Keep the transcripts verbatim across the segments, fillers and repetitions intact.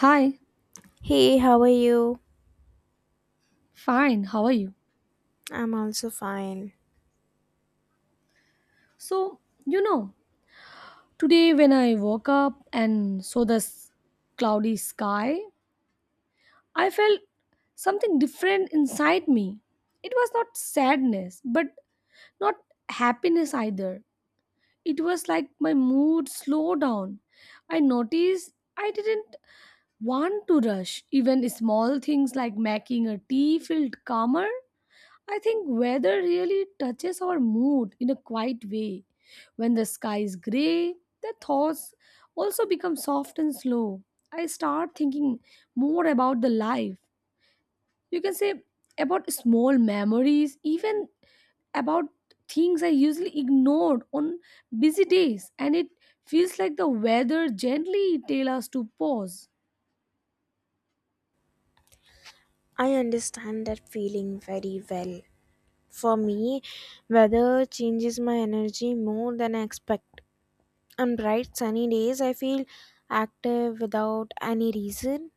Hi, Hey, how are you? fine, how are you? I'm also fine. So, you know, today when I woke up and saw this cloudy sky, I felt something different inside me. It was not sadness, but not happiness either. It was like my mood slowed down. I noticed I didn't want to rush. Even small things like making a tea felt calmer. I think weather really touches our mood in a quiet way. When the sky is grey, the thoughts also become soft and slow. I start thinking more about the life. You can say about small memories, even about things I usually ignored on busy days, and it feels like the weather gently tells us to pause. I understand that feeling very well. For me, weather changes my energy more than I expect. On bright sunny days, I feel active without any reason.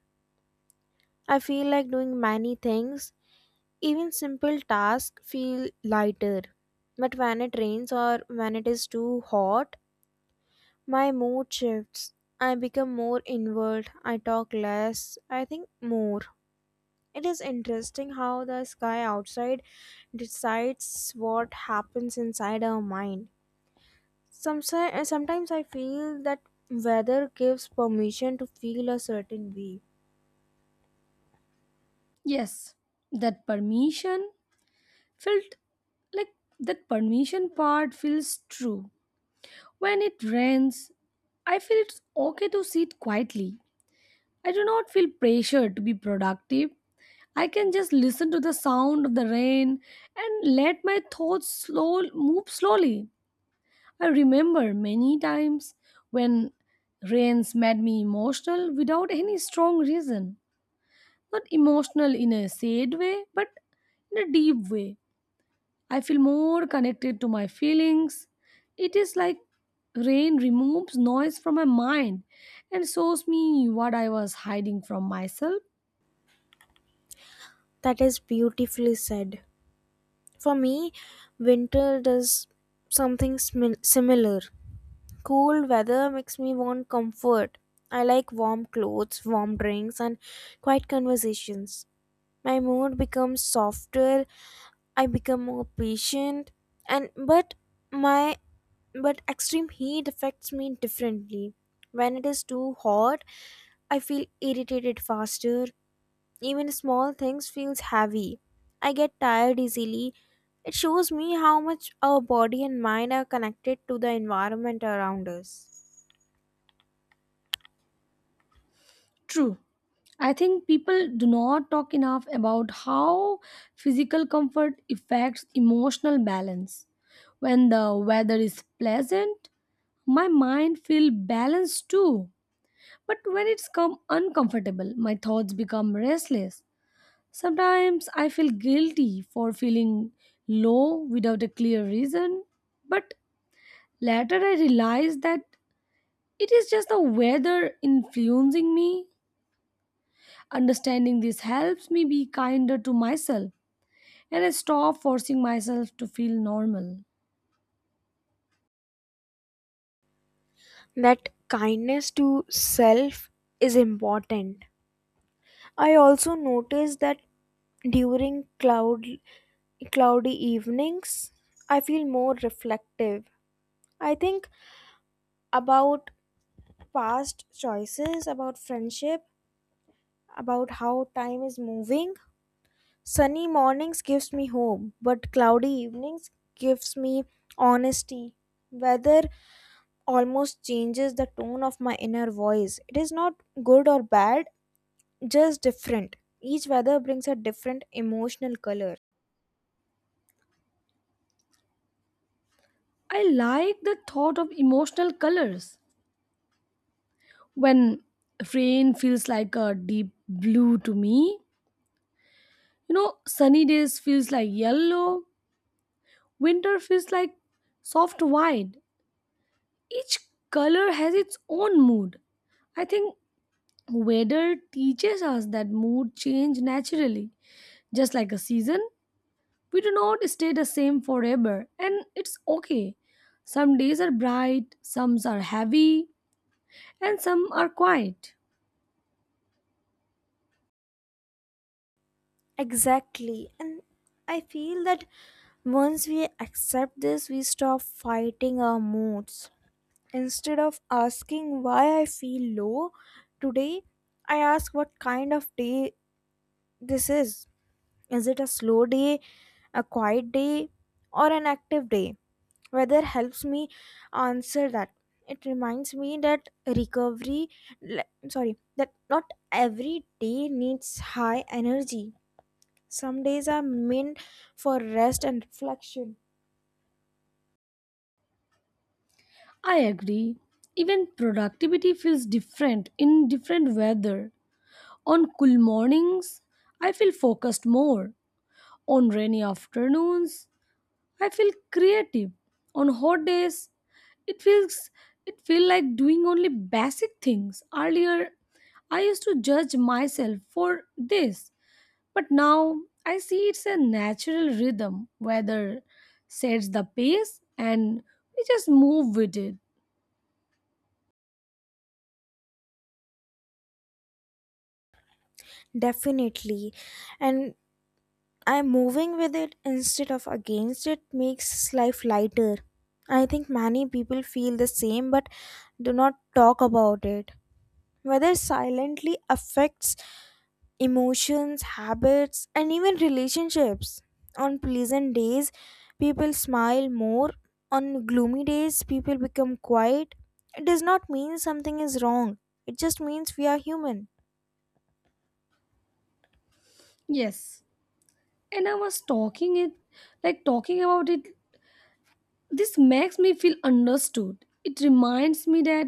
I feel like doing many things. Even simple tasks feel lighter. But when it rains or when it is too hot, my mood shifts. I become more inward. I talk less. I think more. It is interesting how the sky outside decides what happens inside our mind. Some, sometimes I feel that weather gives permission to feel a certain way. Yes, that permission felt like that permission part feels true. When it rains, I feel it's okay to sit quietly. I do not feel pressured to be productive. I can just listen to the sound of the rain and let my thoughts slow move slowly. I remember many times when rains made me emotional without any strong reason. Not emotional in a sad way, but in a deep way. I feel more connected to my feelings. It is like rain removes noise from my mind and shows me what I was hiding from myself. That is beautifully said. For me, winter does something smi- similar. Cool weather makes me want comfort. I like warm clothes, warm drinks, and quiet conversations. My mood becomes softer. I become more patient, and but my but extreme heat affects me differently. When it is too hot, I feel irritated faster. Even small things feels heavy. I get tired easily. It shows me how much our body and mind are connected to the environment around us. True. I think people do not talk enough about how physical comfort affects emotional balance. When the weather is pleasant, my mind feels balanced too. But when it's come uncomfortable, my thoughts become restless. Sometimes I feel guilty for feeling low without a clear reason, but later I realize that it is just the weather influencing me. Understanding this helps me be kinder to myself, and I stop forcing myself to feel normal. That kindness to self is important. I also noticed that during cloud cloudy evenings, I feel more reflective. I think about past choices, about friendship, about how time is moving. Sunny mornings gives me hope, but cloudy evenings gives me honesty. Weather almost changes the tone of my inner voice. It is not good or bad, just different. Each weather brings a different emotional color. I like the thought of emotional colors. When rain feels like a deep blue to me, you know, sunny days feels like yellow, winter feels like soft white. Each color has its own mood. I think weather teaches us that mood change naturally. Just like a season, we do not stay the same forever, and it's okay. Some days are bright, some are heavy, and some are quiet. Exactly. And I feel that once we accept this, we stop fighting our moods. Instead of asking why I feel low today, I ask what kind of day this is. Is it a slow day, a quiet day, or an active day? Weather helps me answer that. It reminds me that recovery, le- sorry, that not every day needs high energy. Some days are meant for rest and reflection. I agree. Even productivity feels different in different weather. On cool mornings, I feel focused more. On rainy afternoons, I feel creative. On hot days, it feels it feel like doing only basic things. Earlier, I used to judge myself for this, but now I see it's a natural rhythm. Weather sets the pace, and we just move with it. Definitely. And I'm moving with it instead of against it makes life lighter. I think many people feel the same but do not talk about it. Whether silently affects emotions, habits, and even relationships. On pleasant days, people smile more. On gloomy days, people become quiet. It does not mean something is wrong, it just means we are human. Yes, and I was talking it like talking about it. This makes me feel understood. It reminds me that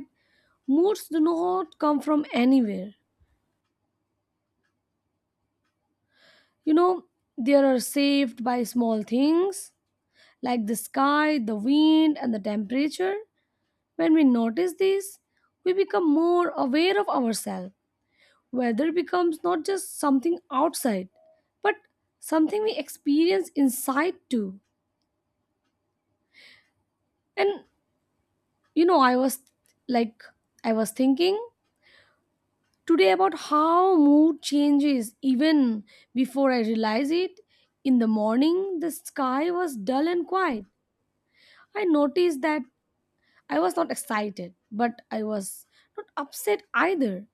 moods do not come from anywhere. You know, they are saved by small things like the sky, the wind, and the temperature. When we notice these, we become more aware of ourselves. Weather becomes not just something outside, but something we experience inside too. And you know, I was like, I was thinking today about how mood changes even before I realize it. In the morning, the sky was dull and quiet. I noticed that I was not excited, but I was not upset either.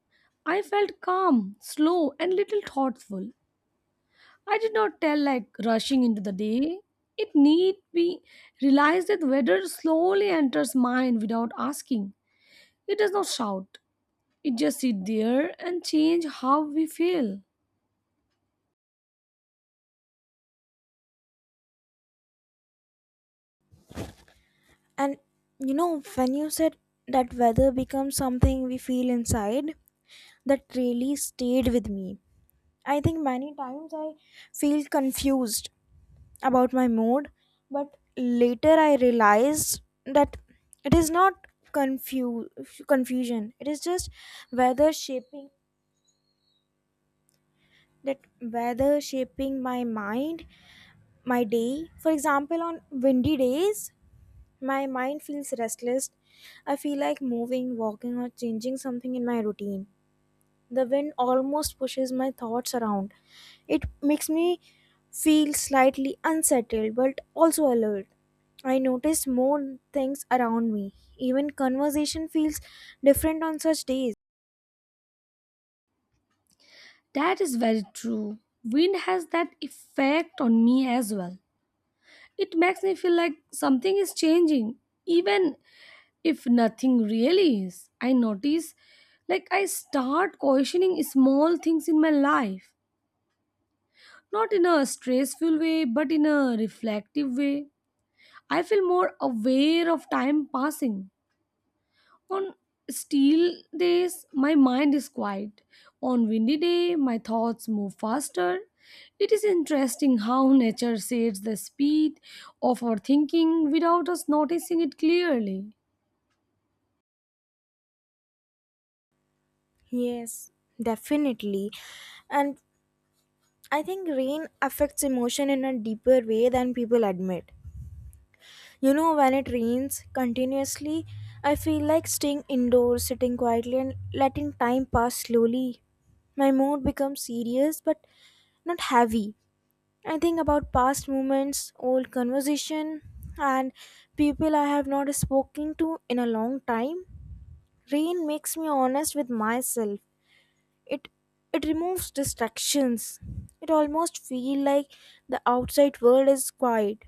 I felt calm, slow, and little thoughtful. I did not tell like rushing into the day. It need be realized that weather slowly enters mind without asking. It does not shout. It just sit there and change how we feel. And you know, when you said that weather becomes something we feel inside, that really stayed with me. I think many times I feel confused about my mood, but later I realized that it is not confuse confusion. It is just weather shaping that weather shaping my mind, my day. For example, on windy days, my mind feels restless. I feel like moving, walking, or changing something in my routine. The wind almost pushes my thoughts around. It makes me feel slightly unsettled but also alert. I notice more things around me. Even conversation feels different on such days. That is very true. Wind has that effect on me as well. It makes me feel like something is changing, even if nothing really is. I notice, like, I start questioning small things in my life. Not in a stressful way, but in a reflective way. I feel more aware of time passing. On still days, my mind is quiet. On windy day, my thoughts move faster. It is interesting how nature shapes the speed of our thinking without us noticing it clearly. Yes, definitely. And I think rain affects emotion in a deeper way than people admit. You know, when it rains continuously, I feel like staying indoors, sitting quietly, and letting time pass slowly. My mood becomes serious but not heavy. I think about past moments, old conversation, and people I have not spoken to in a long time. Rain makes me honest with myself. It it removes distractions. It almost feel like the outside world is quiet,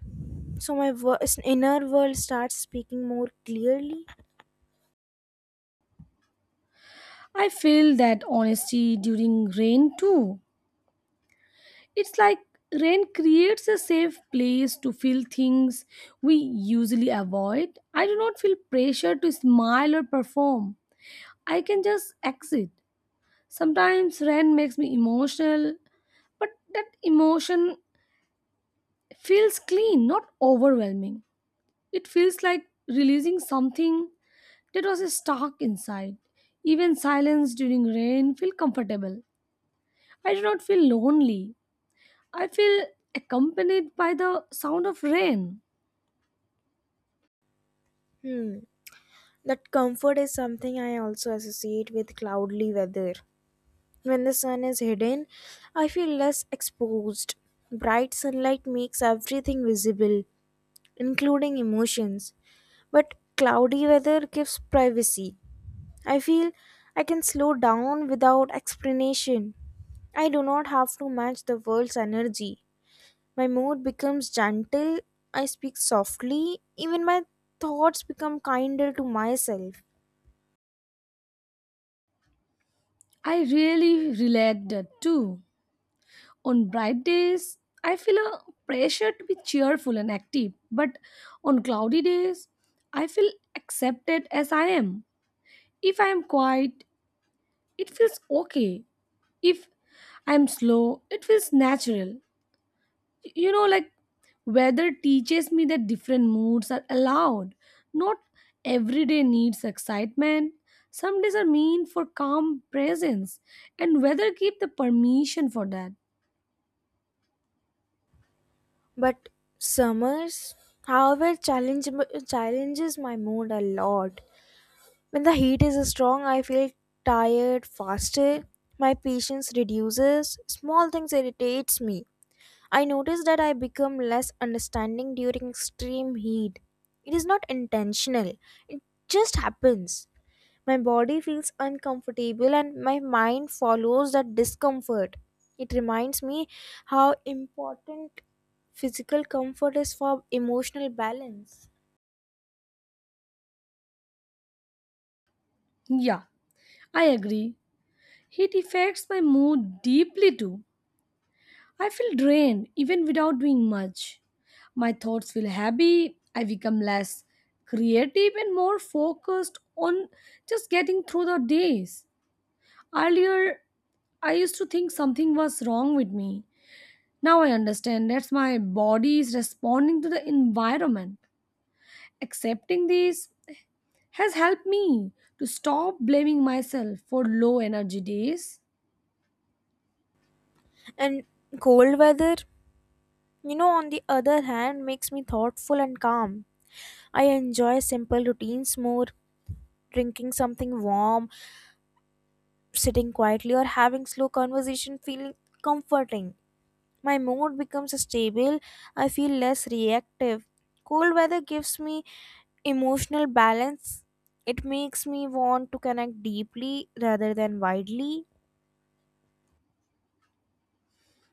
so my wor- inner world starts speaking more clearly. I feel that honesty during rain too. It's like rain creates a safe place to feel things we usually avoid. I do not feel pressure to smile or perform. I can just exit. Sometimes rain makes me emotional, but that emotion feels clean, not overwhelming. It feels like releasing something that was stuck inside. Even silence during rain feels comfortable. I do not feel lonely. I feel accompanied by the sound of rain. Hmm, that comfort is something I also associate with cloudy weather. When the sun is hidden, I feel less exposed. Bright sunlight makes everything visible, including emotions, but cloudy weather gives privacy. I feel I can slow down without explanation. I do not have to match the world's energy. My mood becomes gentle, I speak softly, even my thoughts become kinder to myself. I really relate that too. On bright days, I feel a pressure to be cheerful and active, but on cloudy days, I feel accepted as I am. If I am quiet, it feels okay. If I am slow, it feels natural. you know like weather teaches me that different moods are allowed. Not every day needs excitement. Some days are mean for calm presence, and weather give the permission for that. But summers, however, challenge, challenges my mood a lot. When the heat is strong, I feel tired faster. My patience reduces. Small things irritates me. I notice that I become less understanding during extreme heat. It is not intentional, it just happens. My body feels uncomfortable and my mind follows that discomfort. It reminds me how important physical comfort is for emotional balance. Yeah, I agree. Heat affects my mood deeply too. I feel drained even without doing much. My thoughts feel heavy. I become less creative and more focused on just getting through the days. Earlier, I used to think something was wrong with me. Now I understand that's my body is responding to the environment. Accepting this has helped me to stop blaming myself for low energy days. And cold weather, you know, on the other hand, makes me thoughtful and calm. I enjoy simple routines more, drinking something warm, sitting quietly, or having slow conversation feeling comforting. My mood becomes stable. I feel less reactive. Cold weather gives me emotional balance. It makes me want to connect deeply rather than widely.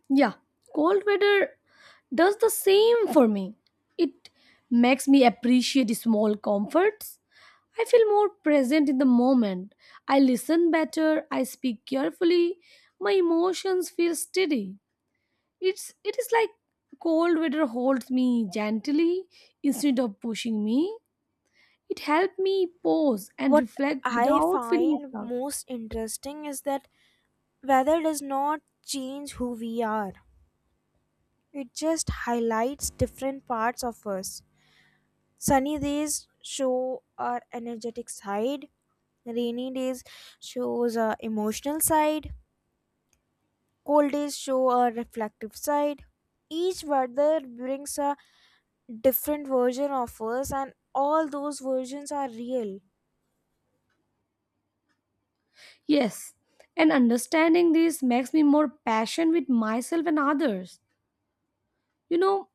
Yeah, cold weather does the same for me. It makes me appreciate small comforts. I feel more present in the moment. I listen better. I speak carefully. My emotions feel steady. It's it is like cold weather holds me gently instead of pushing me. It helped me pause and What reflect I without feeling find stuck. most interesting is that weather does not change who we are. It just highlights different parts of us. Sunny days show our energetic side. Rainy days shows a emotional side. Cold days show a reflective side. Each weather brings a different version of us, and all those versions are real. Yes, and understanding this makes me more patient with myself and others. You know,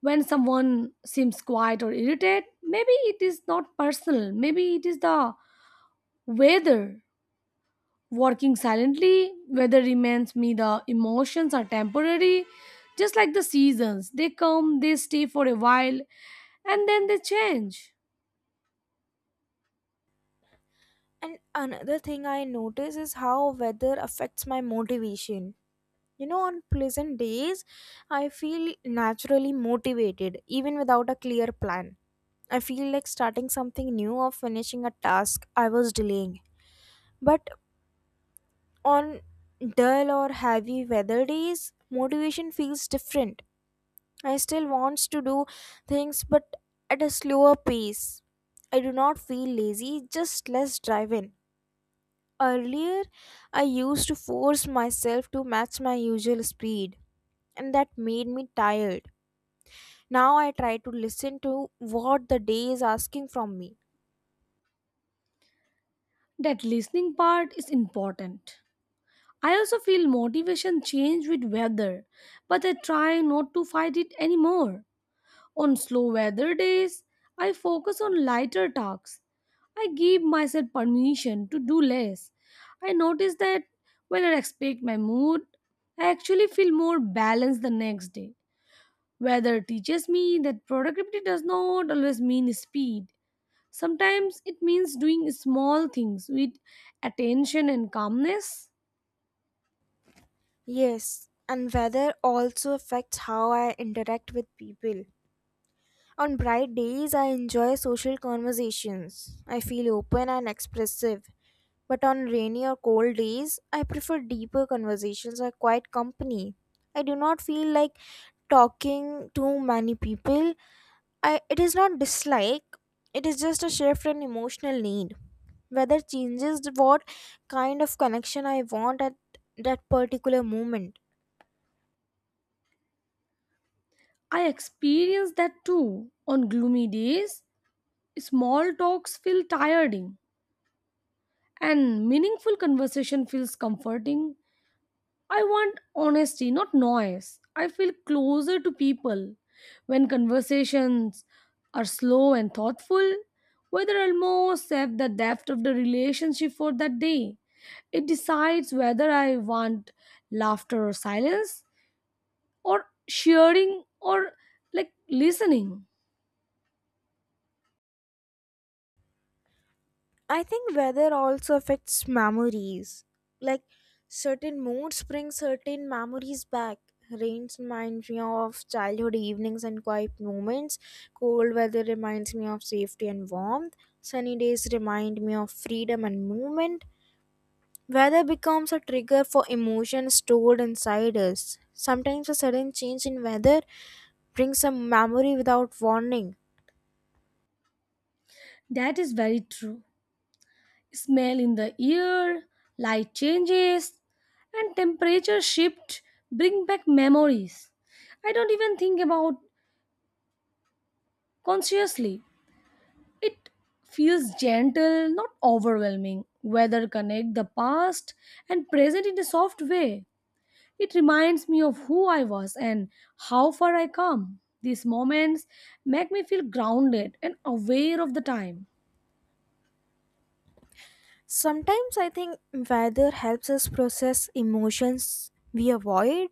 when someone seems quiet or irritated, maybe it is not personal. Maybe it is the weather. Working silently, weather reminds me the emotions are temporary, just like the seasons. They come, they stay for a while, and then they change. And another thing I notice is how weather affects my motivation. You know, on pleasant days, I feel naturally motivated even without a clear plan. I feel like starting something new or finishing a task I was delaying. But On dull or heavy weather days, motivation feels different. I still wants to do things but at a slower pace. I do not feel lazy, just less driven. Earlier, I used to force myself to match my usual speed, and that made me tired. Now I try to listen to what the day is asking from me. That listening part is important. I also feel motivation change with weather, but I try not to fight it anymore. On slow weather days, I focus on lighter tasks. I give myself permission to do less. I notice that when I respect my mood, I actually feel more balanced the next day. Weather teaches me that productivity does not always mean speed. Sometimes it means doing small things with attention and calmness. Yes, and weather also affects how I interact with people. On bright days, I enjoy social conversations. I feel open and expressive. But on rainy or cold days, I prefer deeper conversations or quiet company. I do not feel like talking to many people. I, it is not dislike, it is just a shift in emotional need. Weather changes what kind of connection I want at that particular moment. I experience that too. On gloomy days, small talks feel tiring and meaningful conversation feels comforting. I want honesty, not noise. I feel closer to people when conversations are slow and thoughtful, whether I'll more accept the depth of the relationship for that day. It decides whether I want laughter or silence, or sharing or like listening. I think weather also affects memories. Like certain moods bring certain memories back. Rains reminds me of childhood evenings and quiet moments. Cold weather reminds me of safety and warmth. Sunny days remind me of freedom and movement. Weather becomes a trigger for emotions stored inside us. Sometimes a sudden change in weather brings a memory without warning. That is very true. Smell in the air, light changes, and temperature shift bring back memories. I don't even think about consciously. It feels gentle, not overwhelming. Weather connect the past and present in a soft way. It reminds me of who I was and how far I come. These moments make me feel grounded and aware of the time. Sometimes I think weather helps us process emotions we avoid.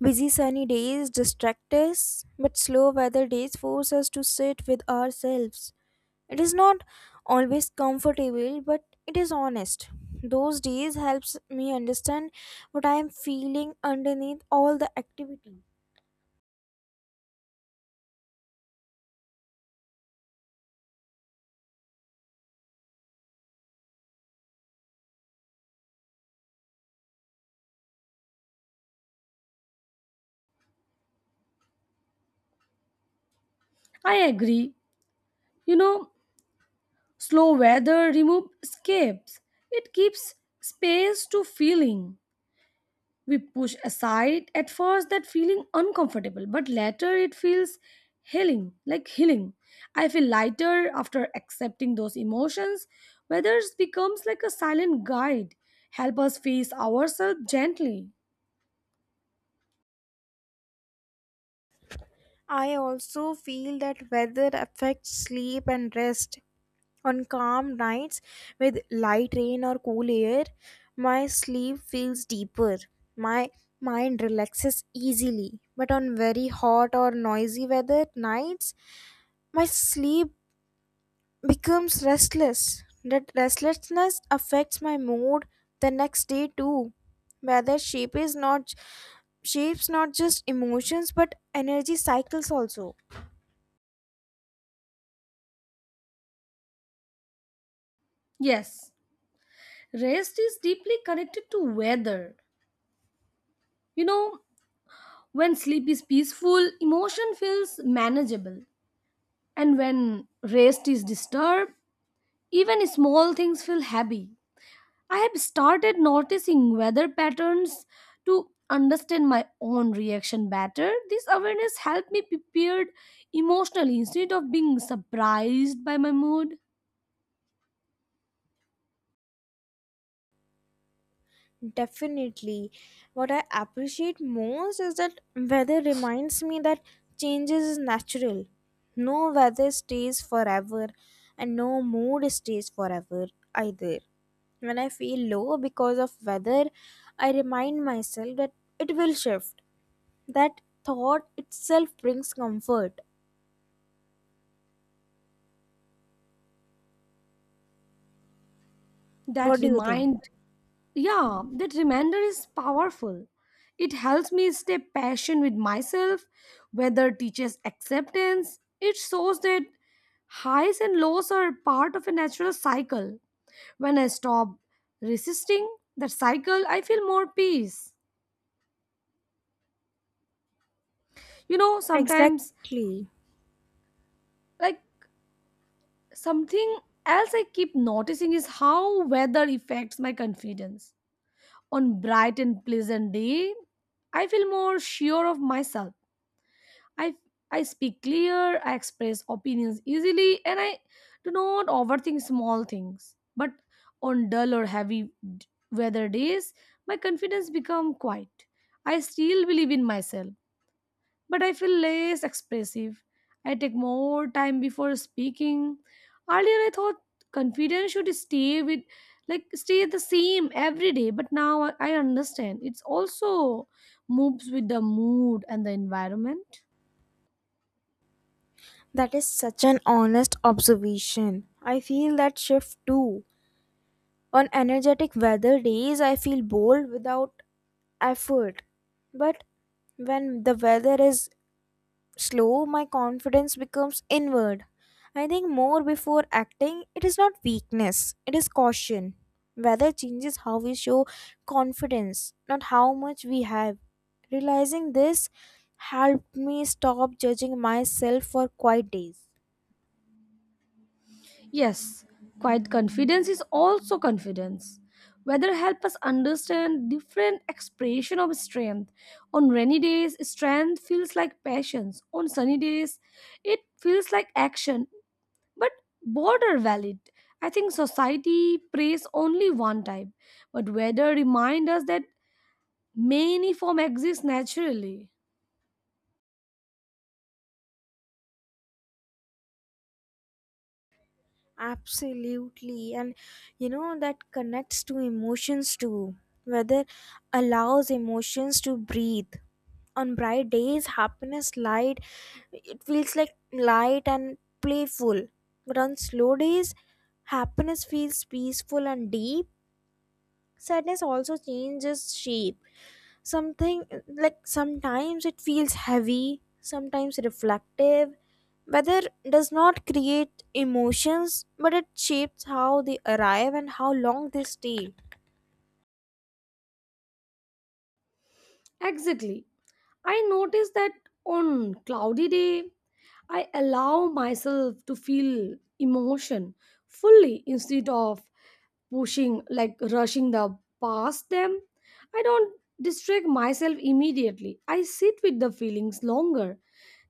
Busy sunny days distract us, but slow weather days force us to sit with ourselves. It is not always comfortable, but it is honest. Those days helps me understand what I am feeling underneath all the activity. I agree. You know, slow weather removes escapes. It gives space to feeling. We push aside at first that feeling uncomfortable, but later it feels healing, like healing. I feel lighter after accepting those emotions. Weather becomes like a silent guide, help us face ourselves gently. I also feel that weather affects sleep and rest. On calm nights with light rain or cool air, my sleep feels deeper. My mind relaxes easily. But on very hot or noisy weather nights, my sleep becomes restless. That restlessness affects my mood the next day too. Weather shape is not shapes not just emotions but energy cycles also. Yes, rest is deeply connected to weather. You know, when sleep is peaceful, emotion feels manageable. And when rest is disturbed, even small things feel heavy. I have started noticing weather patterns to understand my own reaction better. This awareness helped me prepared emotionally instead of being surprised by my mood. Definitely. What I appreciate most is that weather reminds me that changes is natural. No weather stays forever, and no mood stays forever either. When I feel low because of weather, I remind myself that it will shift. That thought itself brings comfort. That What do you think? remind Yeah, that reminder is powerful. It helps me stay patient with myself, whether teaches acceptance. It shows that highs and lows are part of a natural cycle. When I stop resisting that cycle, I feel more peace. You know, sometimes, Exactly. like something else I keep noticing is how weather affects my confidence. On bright and pleasant day, I feel more sure of myself. I I speak clear, I express opinions easily, and I do not overthink small things. But on dull or heavy d- weather days, my confidence become quiet. I still believe in myself, but I feel less expressive. I take more time before speaking. Earlier I thought confidence should stay with like stay the same every day, but now I I understand it's also moves with the mood and the environment. That is such an honest observation. I feel that shift too. On energetic weather days, I feel bold without effort. But when the weather is slow, my confidence becomes inward. I think more before acting, it is not weakness, it is caution. Weather changes how we show confidence, not how much we have. Realizing this helped me stop judging myself for quiet days. Yes, quiet confidence is also confidence. Weather help us understand different expression of strength. On rainy days, strength feels like passions. On sunny days, it feels like action. But both are valid. I think society prays only one type, but weather remind us that many form exist naturally. Absolutely. And you know, that connects to emotions too. Weather allows emotions to breathe. On bright days, happiness light it feels like light and playful. But on slow days, happiness feels peaceful and deep. Sadness also changes shape, something like sometimes it feels heavy, sometimes reflective. Weather does not create emotions, but it shapes how they arrive and how long they stay. Exactly. I notice that on cloudy day, I allow myself to feel emotion fully instead of pushing like rushing the past them. I don't distract myself immediately. I sit with the feelings longer.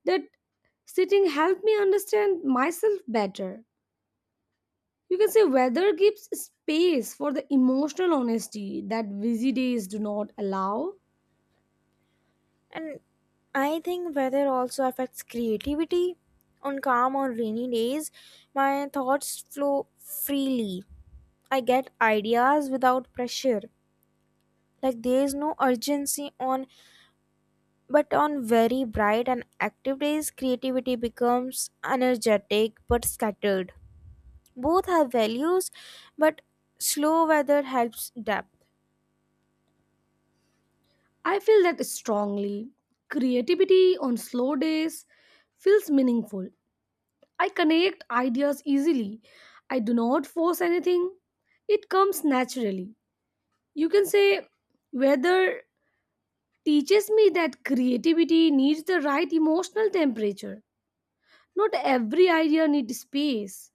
That sitting helped me understand myself better. You can say weather gives space for the emotional honesty that busy days do not allow. And I think weather also affects creativity. On calm or rainy days, my thoughts flow freely. I get ideas without pressure, like there is no urgency on But on very bright and active days, creativity becomes energetic but scattered. Both have values, but slow weather helps depth. I feel that strongly. Creativity on slow days feels meaningful. I connect ideas easily. I do not force anything. It comes naturally. You can say weather teaches me that creativity needs the right emotional temperature. Not every idea needs space.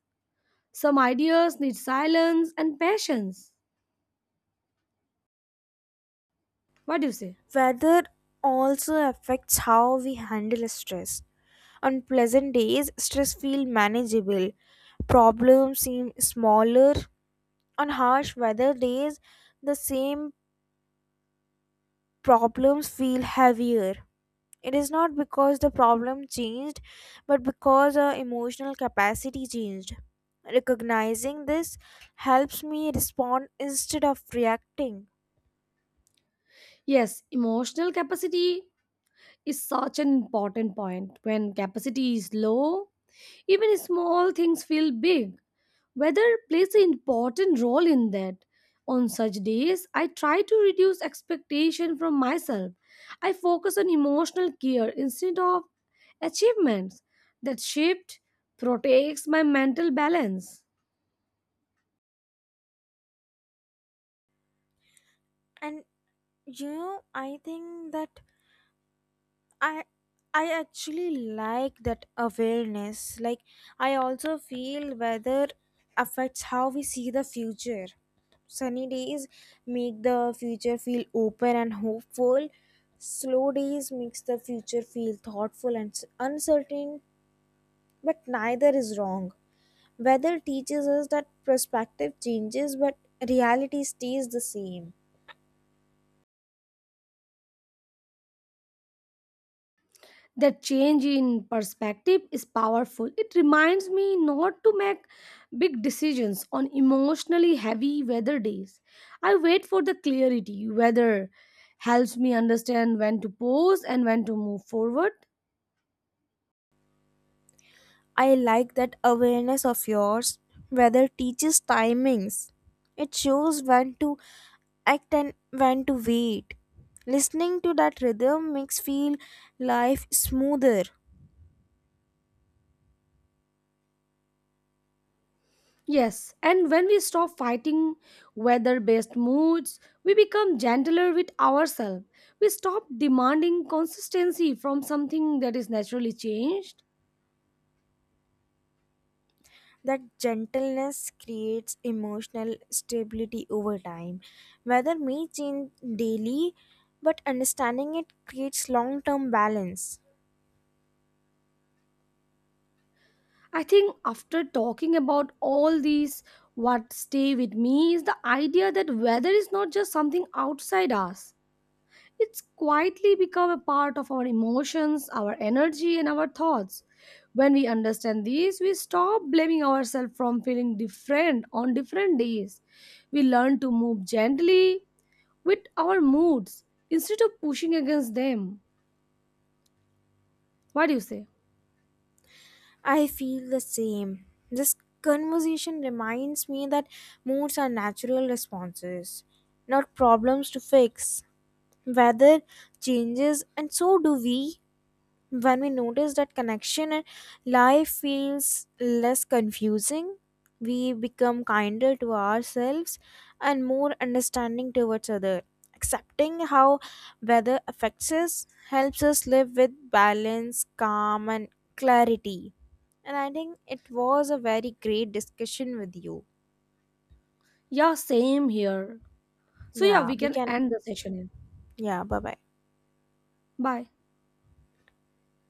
Some ideas need silence and patience. What do you say? Weather also affects how we handle stress. On pleasant days, stress feels manageable, problems seem smaller. On harsh weather days, the same problems feel heavier. It is not because the problem changed, but because our emotional capacity changed. Recognizing this helps me respond instead of reacting. Yes, emotional capacity is such an important point. When capacity is low, even small things feel big. Weather plays an important role in that. On such days, I try to reduce expectation from myself. I focus on emotional care instead of achievements. That shift protects my mental balance. And you know, I think that I I actually like that awareness. Like I also feel weather affects how we see the future. Sunny days make the future feel open and hopeful. Slow days makes the future feel thoughtful and s- uncertain, but neither is wrong. Weather teaches us that perspective changes but reality stays the same. That change in perspective is powerful. It reminds me not to make big decisions on emotionally heavy weather days. I wait for the clarity. Weather helps me understand when to pause and when to move forward. I like that awareness of yours. Weather teaches timings. It shows when to act and when to wait. Listening to that rhythm makes feel life smoother. Yes, and when we stop fighting weather based moods, we become gentler with ourselves. We stop demanding consistency from something that is naturally changed. That gentleness creates emotional stability over time. Weather may change daily, but understanding it creates long-term balance. I think after talking about all these, what stay with me is the idea that weather is not just something outside us. It's quietly become a part of our emotions, our energy, and our thoughts. When we understand this, we stop blaming ourselves from feeling different on different days. We learn to move gently with our moods instead of pushing against them. What do you say? I feel the same. This conversation reminds me that moods are natural responses, not problems to fix. Weather changes, and so do we. When we notice that connection, life feels less confusing. We become kinder to ourselves and more understanding towards other. Accepting how weather affects us helps us live with balance, calm, and clarity. And I think it was a very great discussion with you. Yeah, same here. So yeah, Yeah, we we can can. end the session here. Yeah, bye bye. Bye.